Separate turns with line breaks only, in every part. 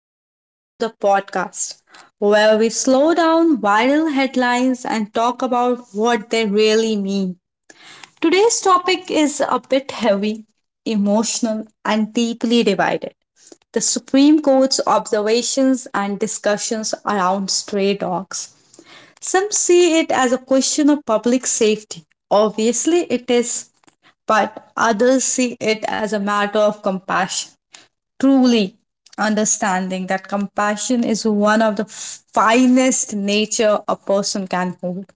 welcome back to the podcast where we slow down viral headlines and talk about what they really mean. Today's topic is a bit heavy, emotional, and deeply divided the Supreme Court's observations and discussions around stray dogs. Some see it as a question of public safety. Obviously, it is, but others see it as a matter of compassion truly understanding that compassion is one of the finest nature a person can hold.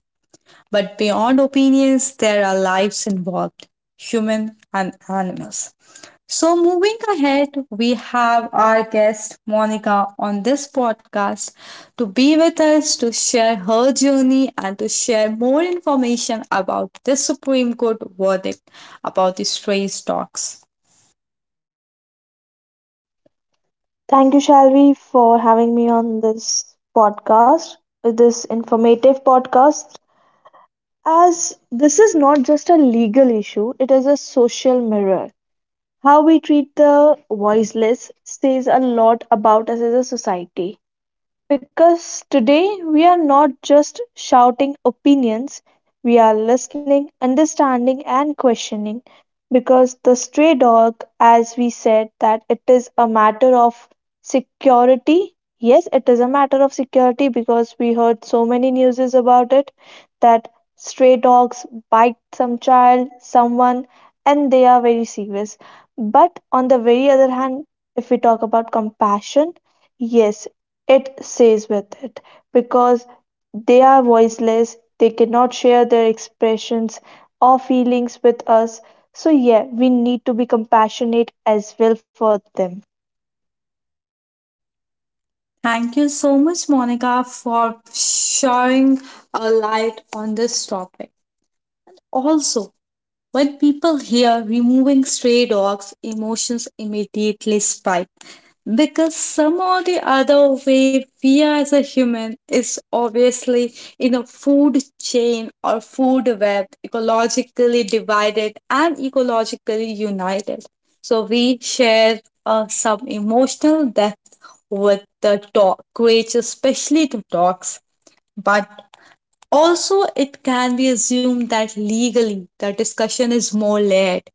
But beyond opinions, there are lives involved, human and animals. So, moving ahead, we have our guest Monica on this podcast to be with us to share her journey and to share more information about this Supreme Court verdict about the stray dogs.
Thank you, Shalvi, for having me on this podcast, this informative podcast. As this is not just a legal issue, it is a social mirror. How we treat the voiceless says a lot about us as a society. Because today we are not just shouting opinions, we are listening, understanding, and questioning. Because the stray dog, as we said, that it is a matter of security. Yes, it is a matter of security because we heard so many newses about it that stray dogs bite some child, someone, and they are very serious. But on the very other hand, if we talk about compassion, yes it stays with it, because they are voiceless, they cannot share their expressions or feelings with us. So, yeah, we need to be compassionate as well for them.
Thank you so much, Monica, for sharing a light on this topic. Also, when people hear removing stray dogs, emotions immediately spike because somehow the other way we as a human is obviously in a food chain or food web ecologically divided and ecologically united so we share some emotional depth with the dog creatures especially the dogs but also, it can be assumed that legally the discussion is more layered.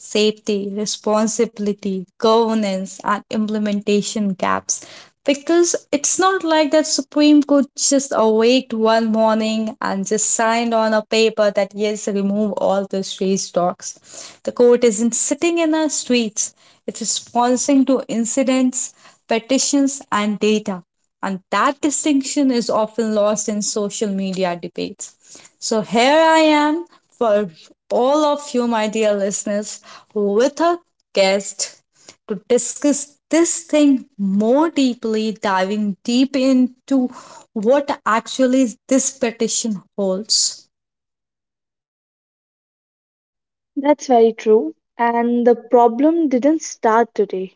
Safety, responsibility, governance, and implementation gaps. Because it's not like that Supreme Court just awaked one morning and just signed on a paper that yes, remove all these race talks. The court isn't sitting in our streets, it's responding to incidents, petitions, and data. And that distinction is often lost in social media debates. So here I am for all of you, my dear listeners, with a guest to discuss this thing more deeply, diving deep into what actually this petition holds.
That's very true. And the problem didn't start today,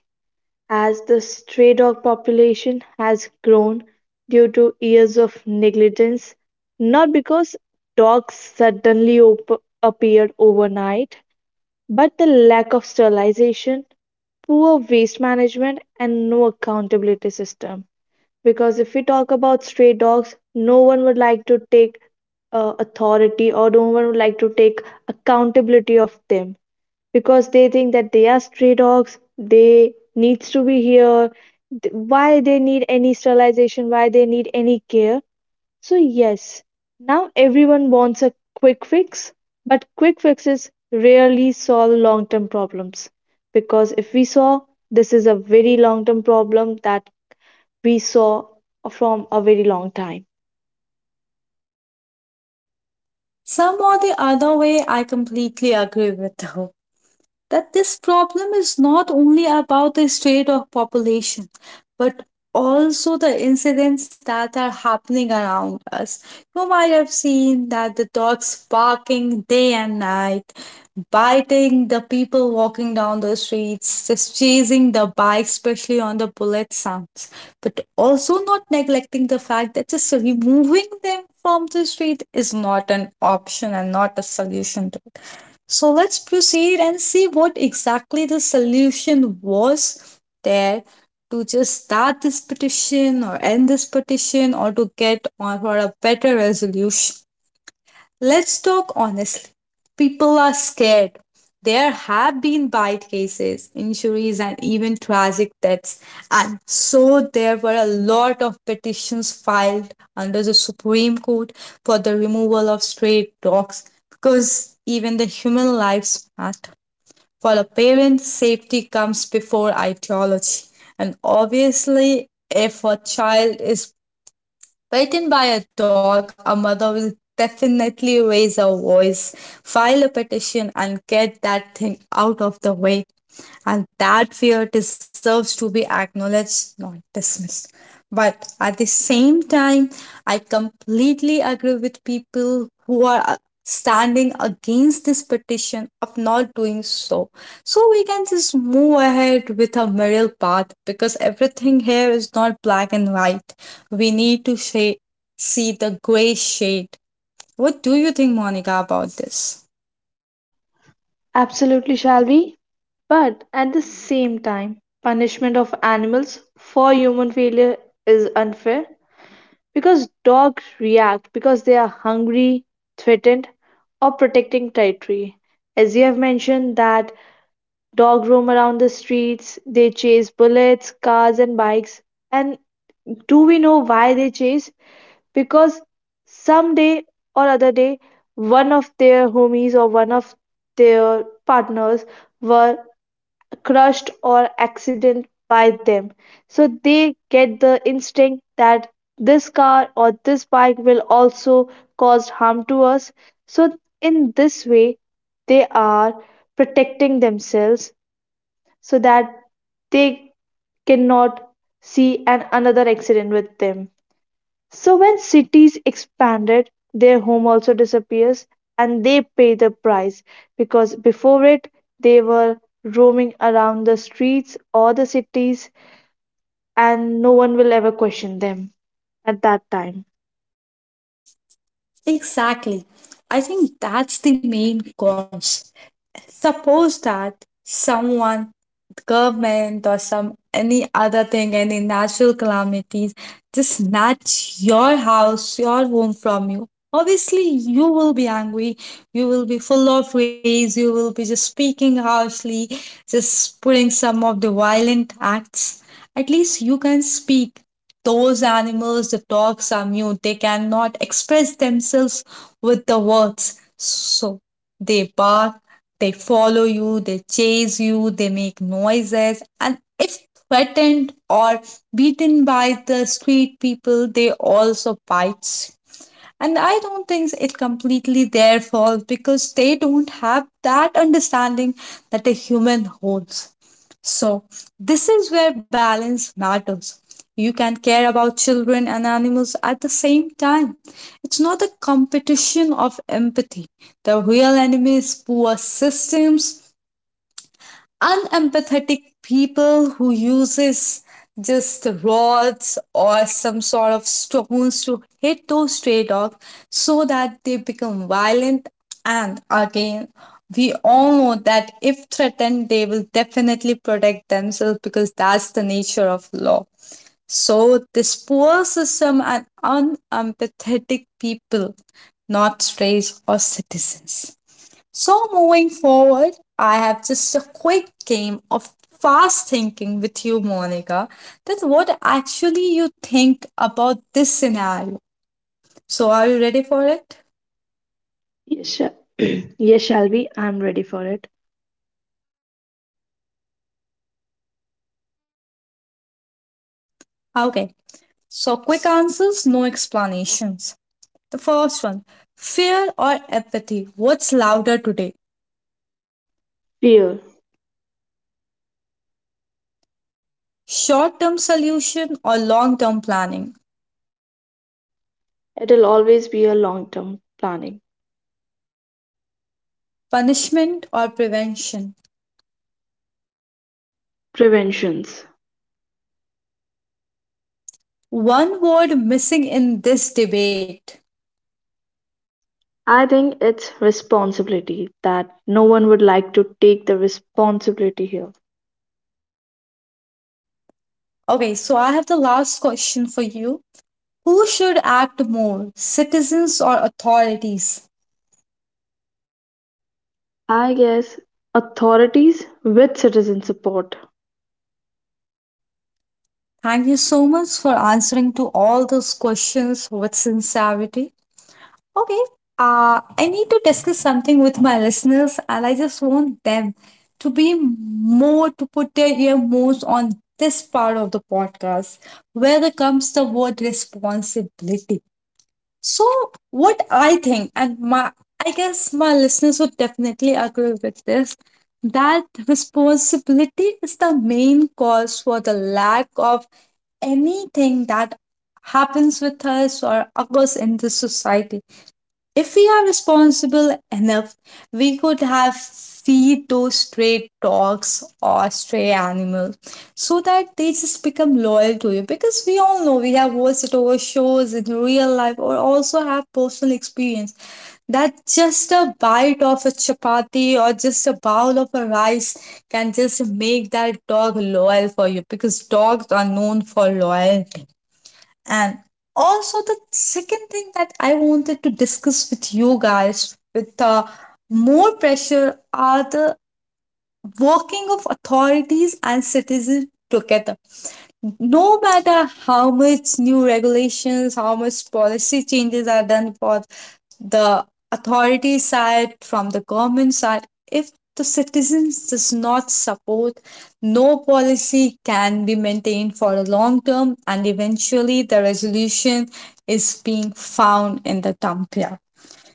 as the stray dog population has grown due to years of negligence, not because dogs suddenly appeared overnight. But the lack of sterilization, poor waste management, and no accountability system. Because if we talk about stray dogs, no one would like to take authority, or no one would like to take accountability of them, because they think that they are stray dogs, they needs to be here, why they need any sterilization, why they need any care. So, yes, now everyone wants a quick fix, but quick fixes rarely solve long term problems. Because if we saw, this is a very long term problem that we saw from a very long time.
Some or the other way, I completely agree with her. That this problem is not only about the state of population but also the incidents that are happening around us, you might have seen that the dogs barking day and night, biting the people walking down the streets, just chasing the bikes especially on the bullet sounds. But also not neglecting the fact that just removing them from the street is not an option and not a solution to, so let's proceed and see what exactly the solution was there to just start this petition or end this petition or to get on for a better resolution. Let's talk honestly. People are scared. There have been bite cases, injuries, and even tragic deaths. And so there were a lot of petitions filed under the Supreme Court for the removal of stray dogs because even the human lives matter. For a parent, safety comes before ideology. And obviously, if a child is bitten by a dog, a mother will definitely raise her voice, file a petition, and get that thing out of the way. And that fear deserves to be acknowledged, not dismissed. But at the same time, I completely agree with people who are standing against this petition of not doing so. So we can just move ahead with a middle path because everything here is not black and white. We need to see the gray shade. What do you think, Monica, about this?
Absolutely, shall we? But at the same time, punishment of animals for human failure is unfair. Because dogs react because they are hungry, threatened, or protecting territory. As you have mentioned, that dogs roam around the streets, they chase bullets, cars, and bikes. And do we know why they chase? Because someday or other day, one of their partners were crushed or accident by them, so they get the instinct that this car or this bike will also cause harm to us. So in this way they are protecting themselves, so that they cannot see an another accident with them. So when cities expanded, their home also disappears and they pay the price, because before it they were roaming around the streets or the cities and no one will ever question them at that time.
Exactly. I think that's the main cause. Suppose that someone, government, or some any other thing, any natural calamities, just snatch your house, your home from you. Obviously, you will be angry, you will be full of rage, you will be just speaking harshly, just putting some of the violent acts. At least you can speak. Those animals, the dogs are mute. They cannot express themselves with the words. So they bark, they follow you, they chase you, they make noises. And if threatened or beaten by the street people, they also bites. And I don't think it's completely their fault because they don't have that understanding that a human holds. So, this is where balance matters. You can care about children and animals at the same time. It's not a competition of empathy. The real enemy is poor systems, unempathetic people who uses just rods or some sort of stones to hit those stray dogs so that they become violent, and again, we all know that if threatened they will definitely protect themselves because that's the nature of law. So this poor system and unempathetic people, not strays or citizens. So, moving forward, I have just a quick game of fast thinking with you, Monica. That what actually you think about this scenario. So, are you ready for it?
Yes, yes, Shalvi, I'm ready for it.
Okay. So, quick answers, no explanations. The first one, fear or apathy? What's louder today?
Fear.
Short term solution or long term planning?
It'll always be a long term planning.
Punishment or prevention?
Preventions.
One word missing in this debate.
I think it's responsibility, that no one would like to take the responsibility here.
Okay, so I have the last question for you. Who should act more, citizens or authorities?
I guess authorities with citizen support.
Thank you so much for answering to all those questions with sincerity. Okay, I need to discuss something with my listeners, and I just want them to be more to put their ear most on this part of the podcast, where there comes the word responsibility. So, what I think, and my, I guess my listeners would definitely agree with this, that responsibility is the main cause for the lack of anything that happens with us or occurs in this society, if we are responsible enough, we could have feed those stray dogs or stray animals so that they just become loyal to you. Because we all know we have watched it over shows in real life or also have personal experience that just a bite of a chapati or just a bowl of a rice can just make that dog loyal for you because dogs are known for loyalty. And also, the second thing that I wanted to discuss with you guys with more pressure are the working of authorities and citizens together, no matter how much new regulations, how much policy changes are done for the authority side, from the government side, if the citizens does not support, no policy can be maintained for the long term, and eventually the resolution is being found in the dump here.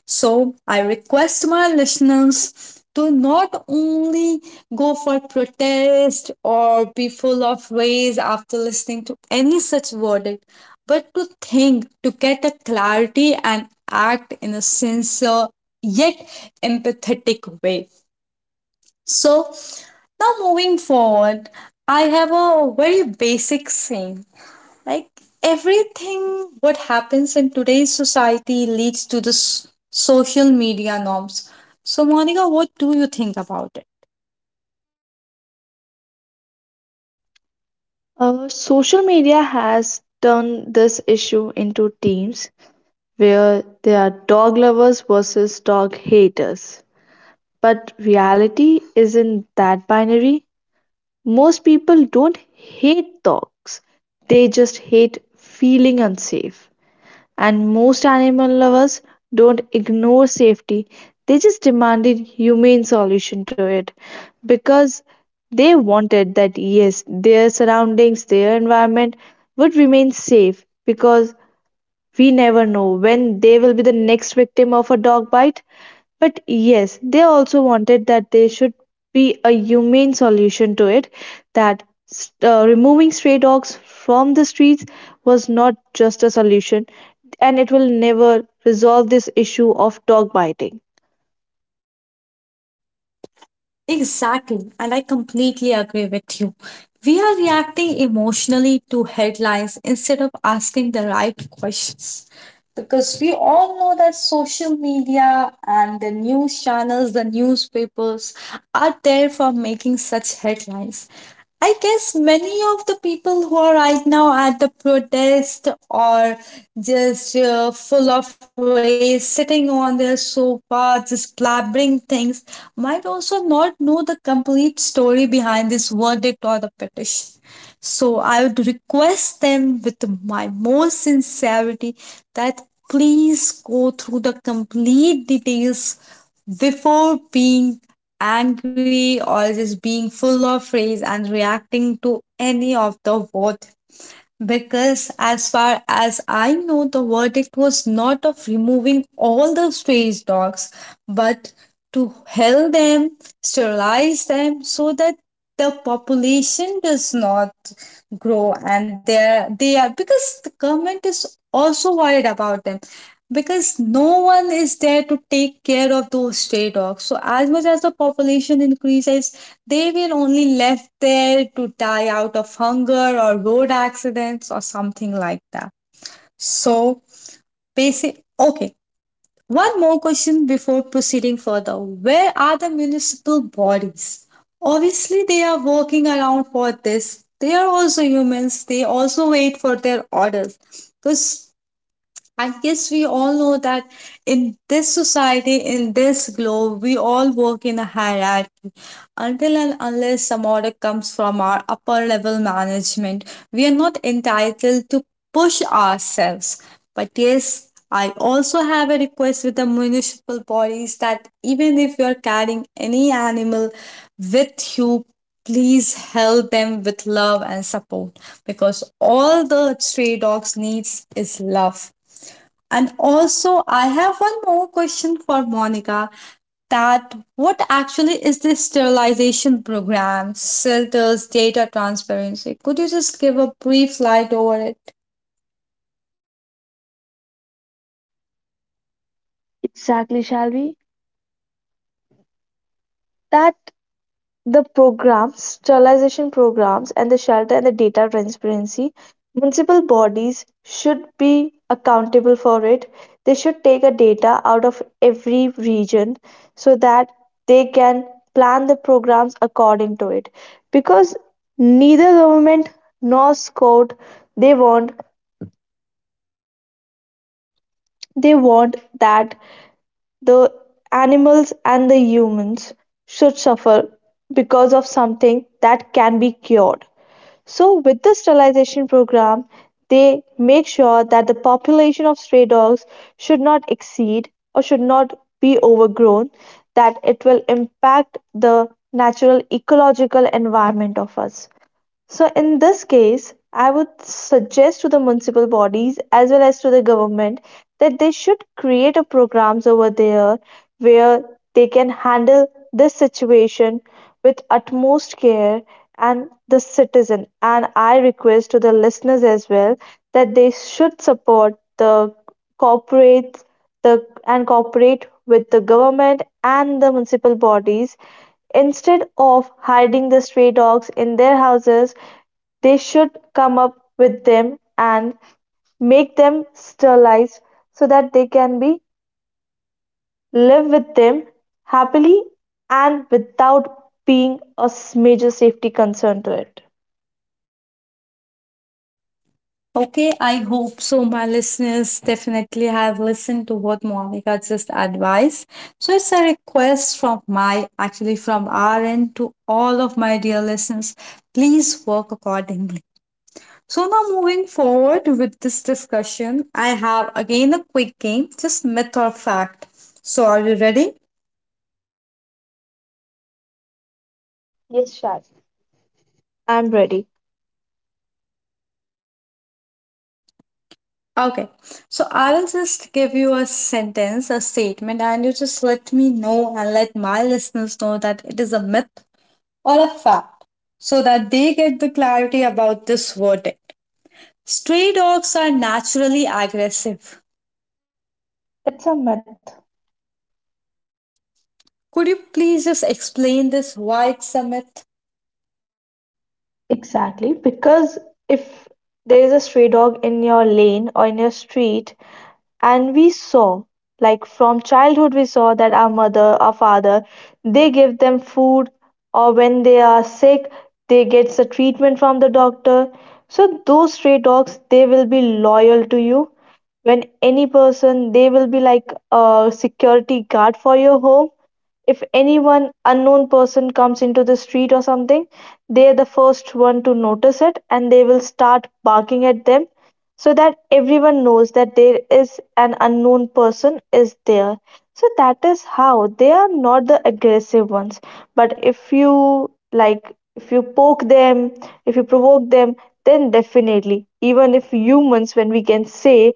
So I request my listeners to not only go for protest or be full of rage after listening to any such verdict, but to think, to get a clarity and act in a sincere yet empathetic way. So now moving forward, I have a very basic saying like everything what happens in today's society leads to the social media norms. So Monica, what do you think about it?
Social media has turned this issue into teams where there are dog lovers versus dog haters. But reality isn't that binary. Most people don't hate dogs, they just hate feeling unsafe. And most animal lovers don't ignore safety, they just demanded humane solution to it, because they wanted that yes, their surroundings, their environment would remain safe, because we never know when they will be the next victim of a dog bite. But yes, they also wanted that there should be a humane solution to it, that removing stray dogs from the streets was not just a solution, and it will never resolve this issue of dog biting.
Exactly, and I completely agree with you. We are reacting emotionally to headlines instead of asking the right questions. Because we all know that social media and the news channels, the newspapers are there for making such headlines. I guess many of the people who are right now at the protest or just full of rage, sitting on their sofa parts, splattering things, might also not know the complete story behind this verdict or the petition. So I would request them with my most sincerity that please go through the complete details before being angry or just being full of rage and reacting to any of the what, because, as far as I know, the verdict was not of removing all the stray dogs, but to help them, sterilize them, so that the population does not grow and they are because the government is also worried about them because no one is there to take care of those stray dogs, so as much as the population increases they will only left there to die out of hunger or road accidents or something like that. So basic, okay, one more question before proceeding further, where are the municipal bodies? Obviously they are working around for this, they are also humans, they also wait for their orders, because I guess we all know that in this society, in this globe, we all work in a hierarchy. Until and unless some order comes from our upper level management, we are not entitled to push ourselves. But yes, I also have a request with the municipal bodies that even if you are carrying any animal with you, please help them with love and support because all the stray dogs needs is love. And also, I have one more question for Monica, that what actually is this sterilization program, filters, data transparency? Could you just give a brief light over it?
Exactly, Shalvi. That the programs, sterilization programs, and the shelter and the data transparency, municipal bodies should be accountable for it. They should take a data out of every region so that they can plan the programs according to it. Because neither government nor scout, they want they want that the animals and the humans should suffer because of something that can be cured. So with the sterilization program, they make sure that the population of stray dogs should not exceed or should not be overgrown, that it will impact the natural ecological environment of us. So, in this case, I would suggest to the municipal bodies as well as to the government that they should create a programs over there where they can handle this situation with utmost care and the citizen. And I request to the listeners as well that they should support the corporates the and cooperate with the government and the municipal bodies, instead of hiding the stray dogs in their houses. They should come up with them and make them sterilized so that they can be live with them happily, and without being a major safety concern to it.
Okay, I hope so. My listeners definitely have listened to what Monica just advised. So it's a request from my, actually from our end to all of my dear listeners. Please work accordingly. So now moving forward with this discussion, I have again a quick game, just myth or fact. So are you ready?
Yes, Shaz. I'm ready.
Okay. So I will just give you a sentence, a statement, and you just let me know and let my listeners know that it is a myth or a fact so that they get the clarity about this verdict. Stray dogs are naturally aggressive.
It's a myth.
Could you please just explain this why it's a myth?
Exactly, because if there is a stray dog in your lane or in your street, and we saw, like from childhood we saw that our mother, our father, they give them food, or when they are sick they get the treatment from the doctor. So those stray dogs, they will be loyal to you. When any person, they will be like a security guard for your home. If anyone unknown person comes into the street or something, they're the first one to notice it and they will start barking at them, so that everyone knows that there is an unknown person is there. So that is how they are not the aggressive ones. But if you, like if you poke them, if you provoke them, then definitely, even if humans, when we can say,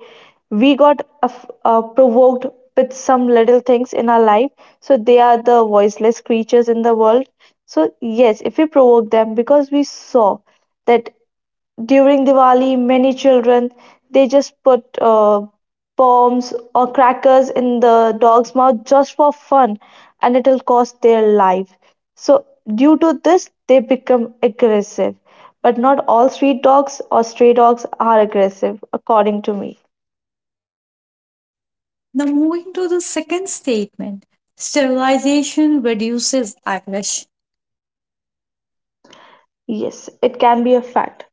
we got provoked with some little things in our life, so they are the voiceless creatures in the world. So yes, if we provoke them, because we saw that during Diwali many children, they just put bombs or crackers in the dog's mouth just for fun, and it'll cost their life. So due to this they become aggressive, but not all street dogs or stray dogs are aggressive according to me.
Now, moving to the second statement, sterilization reduces aggression.
Yes, it can be a fact.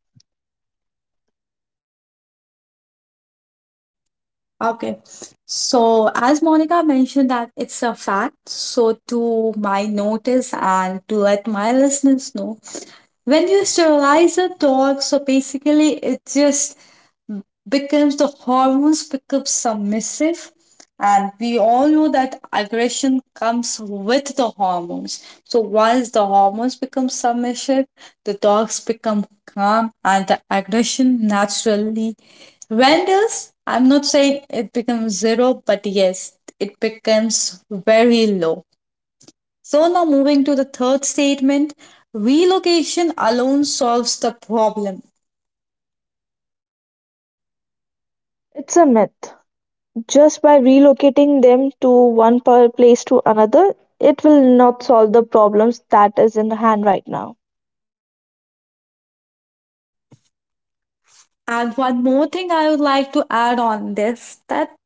Okay, so as Monica mentioned, that it's a fact. So, to my notice and to let my listeners know, when you sterilize a dog, so basically it just becomes, the hormones become submissive, and we all know that aggression comes with the hormones. So once the hormones become submissive, the dogs become calm and the aggression naturally renders. I'm not saying it becomes zero, but yes, it becomes very low. So now moving to the third statement, relocation alone solves the problem.
It's a myth. Just by relocating them to one per place to another, it will not solve the problems that is in hand right now.
And one more thing I would like to add on this, that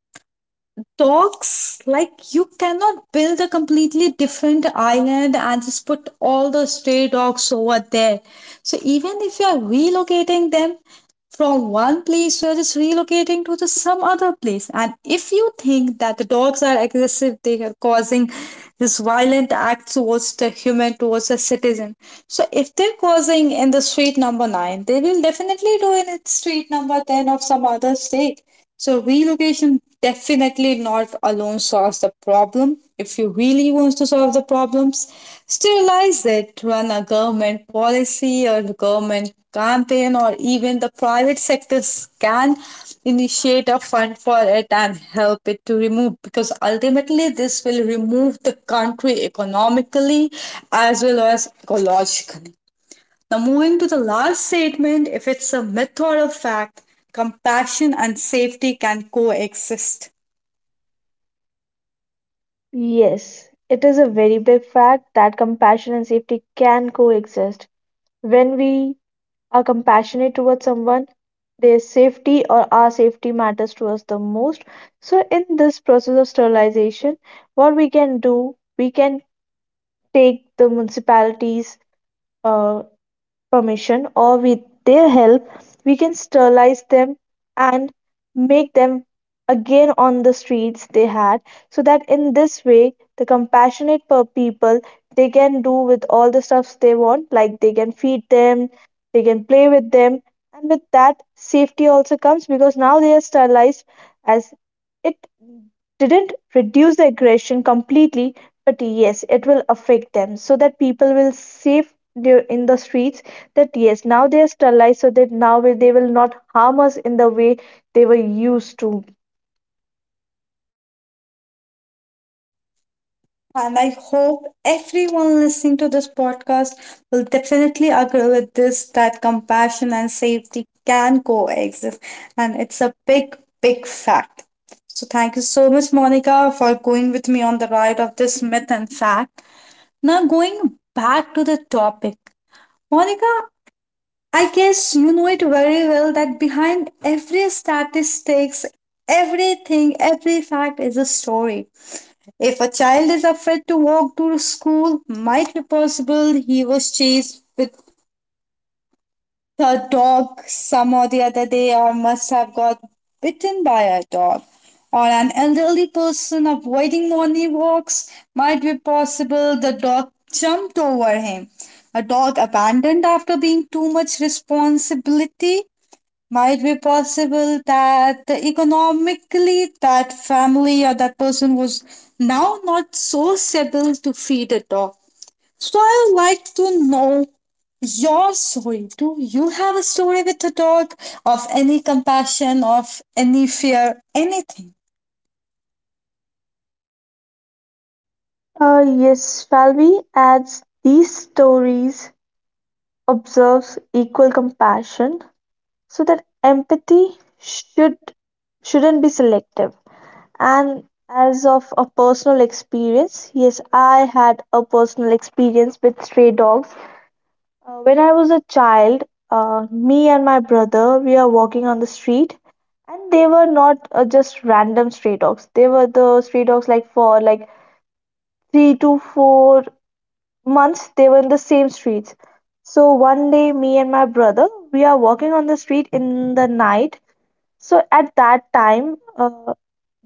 talks like you cannot build a completely different island and just put all the stray dogs over there. So even if you are relocating them from one place, you are just relocating to the some other place. And if you think that the dogs are aggressive, they are causing this violent act towards the human, towards the citizen, so if they're causing in the street number 9, they will definitely do in street number 10 of some other state. So relocation definitely not alone solves the problem. If you really want to solve the problems, sterilize it, run a government policy or the government campaign, or even the private sectors can initiate a fund for it and help it to remove, because ultimately this will remove the country economically as well as ecologically. Now, moving to the last statement, if it's a myth or a fact, compassion and safety can coexist.
Yes, it is a very big fact that compassion and safety can coexist. When we are compassionate towards someone, their safety or our safety matters to us the most. So, in this process of sterilization, what we can do, we can take the municipalities. Uh, Permission, or with their help we can sterilize them and make them again on the streets they had, so that in this way the compassionate per people, they can do with all the stuffs they want, like they can feed them, they can play with them. And with that safety also comes, because now they are sterilized. As it didn't reduce the aggression completely, but yes it will affect them, so that people will safe in the streets, that yes, now they are sterilized, so that now they will not harm us in the way they were used to.
And I hope everyone listening to this podcast will definitely agree with this, that compassion and safety can coexist. And it's a big, big fact. So, thank you so much, Monica, for going with me on the ride of this myth and fact. Now, going back to the topic, Monica, I guess you know it very well that behind every statistics, everything, every fact is a story. If a child is afraid to walk to school, might be possible he was chased with a dog some or the other day, or must have got bitten by a dog. Or an elderly person avoiding morning walks, might be possible the dog jumped over him. A dog abandoned after being too much responsibility, might be possible that the economically that family or that person was now not so stable to feed a dog. So I would like to know your story. Do you have a story with a dog, of any compassion, of any fear, anything?
Yes, Falvi adds these stories, observes equal compassion, so that empathy should shouldn't be selective. And as of a personal experience, yes, I had a personal experience with stray dogs. When I was a child, me and my brother, we were walking on the street, and they were not just random stray dogs. They were the stray dogs like for like 3 to 4 months. They were in the same streets. So one day, me and my brother, we are walking on the street in the night. So at that time,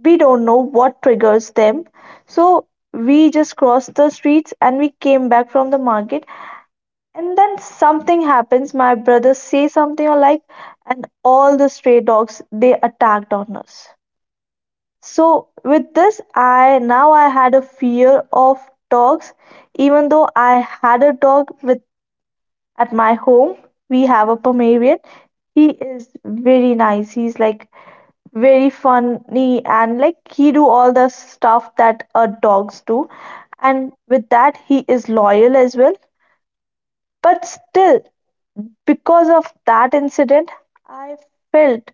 we don't know what triggers them. So we just crossed the streets and we came back from the market, and then something happens. My brother says something or like, and all the stray dogs they attacked on us. So with this, I had a fear of dogs, even though I had a dog with at my home. We have a Pomeranian. He is very nice. He's like very funny, and like he do all the stuff that dogs do. And with that, he is loyal as well, but still, because of that incident, I felt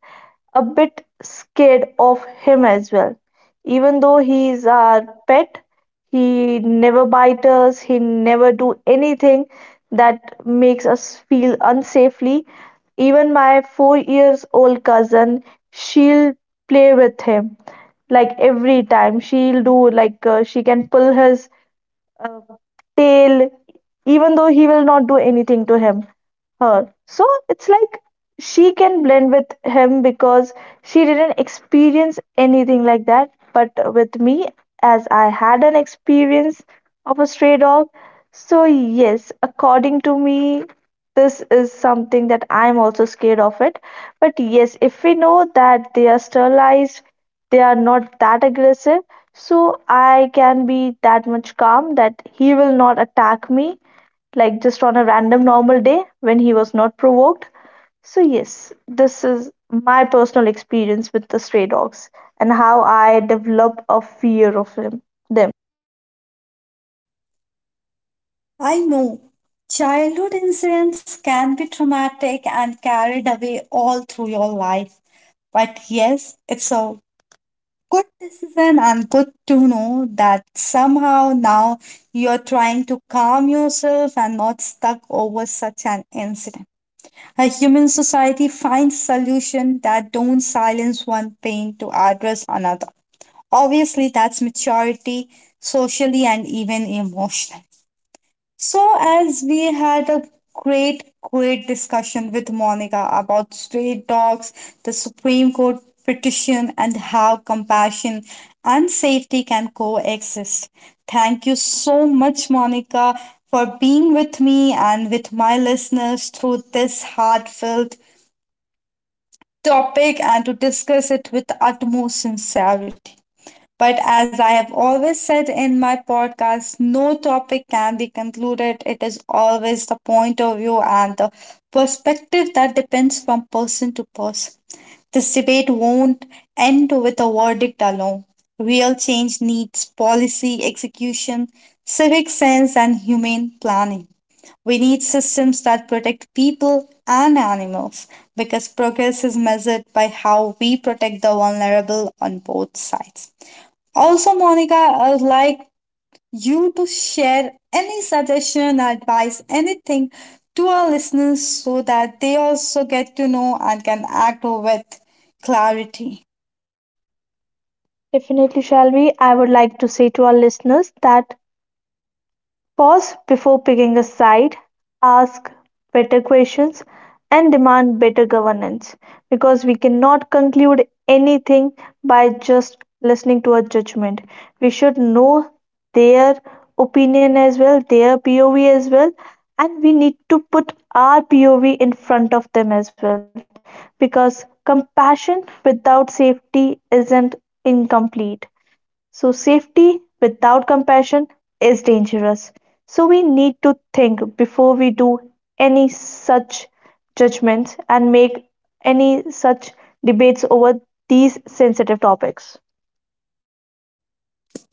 a bit scared of him as well. Even though he is our pet, he never bites us, he never do anything that makes us feel unsafely. Even my 4 years old cousin, she'll play with him, like every time she'll do like she can pull his uh, tail, even though he will not do anything to him, her. So it's like she can blend with him because she didn't experience anything like that. But with me, as I had an experience of a stray dog, so yes, according to me, this is something that I'm also scared of it. But yes, if we know that they are sterilized, they are not that aggressive, so I can be that much calm that he will not attack me, like just on a random normal day when he was not provoked. So, yes, this is my personal experience with the stray dogs, and how I develop a fear of him, them.
I know childhood incidents can be traumatic and carried away all through your life. But yes, it's a good decision and good to know that somehow now you're trying to calm yourself and not stuck over such an incident. A human society finds solutions that don't silence one pain to address another. Obviously, that's maturity socially and even emotionally. So, as we had a great, great discussion with Monica about stray dogs, the Supreme Court petition, and how compassion and safety can coexist. Thank you so much, Monica, for being with me and with my listeners through this heartfelt topic and to discuss it with utmost sincerity. But as I have always said in my podcast, no topic can be concluded. It is always the point of view and the perspective that depends from person to person. This debate won't end with a verdict alone. Real change needs policy, execution, civic sense, and humane planning. We need systems that protect people and animals, because progress is measured by how we protect the vulnerable on both sides. Also, Monica, I would like you to share any suggestion, advice, anything to our listeners so that they also get to know and can act with clarity.
Definitely, Shalvi, I would like to say to our listeners that pause before picking a side, ask better questions, and demand better governance, because we cannot conclude anything by just listening to a judgment. We should know their opinion as well, their POV as well, and we need to put our POV in front of them as well, because compassion without safety isn't incomplete. So, safety without compassion is dangerous. So, we need to think before we do any such judgments and make any such debates over these sensitive topics.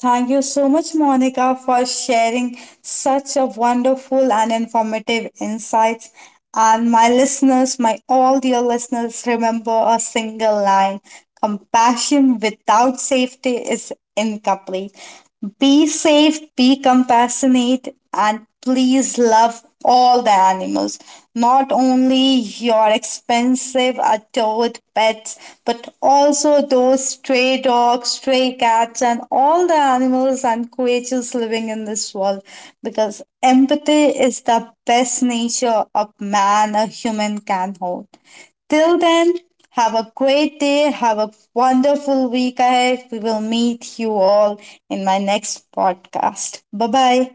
Thank you so much, Monica, for sharing such a wonderful and informative insights. And my listeners, my all dear listeners, remember a single line: compassion without safety is incomplete. Be safe, be compassionate, and please love all the animals, not only your expensive adored pets, but also those stray dogs, stray cats, and all the animals and creatures living in this world. Because empathy is the best nature a man, a human can hold. Till then, have a great day. Have a wonderful week ahead. We will meet you all in my next podcast. Bye bye.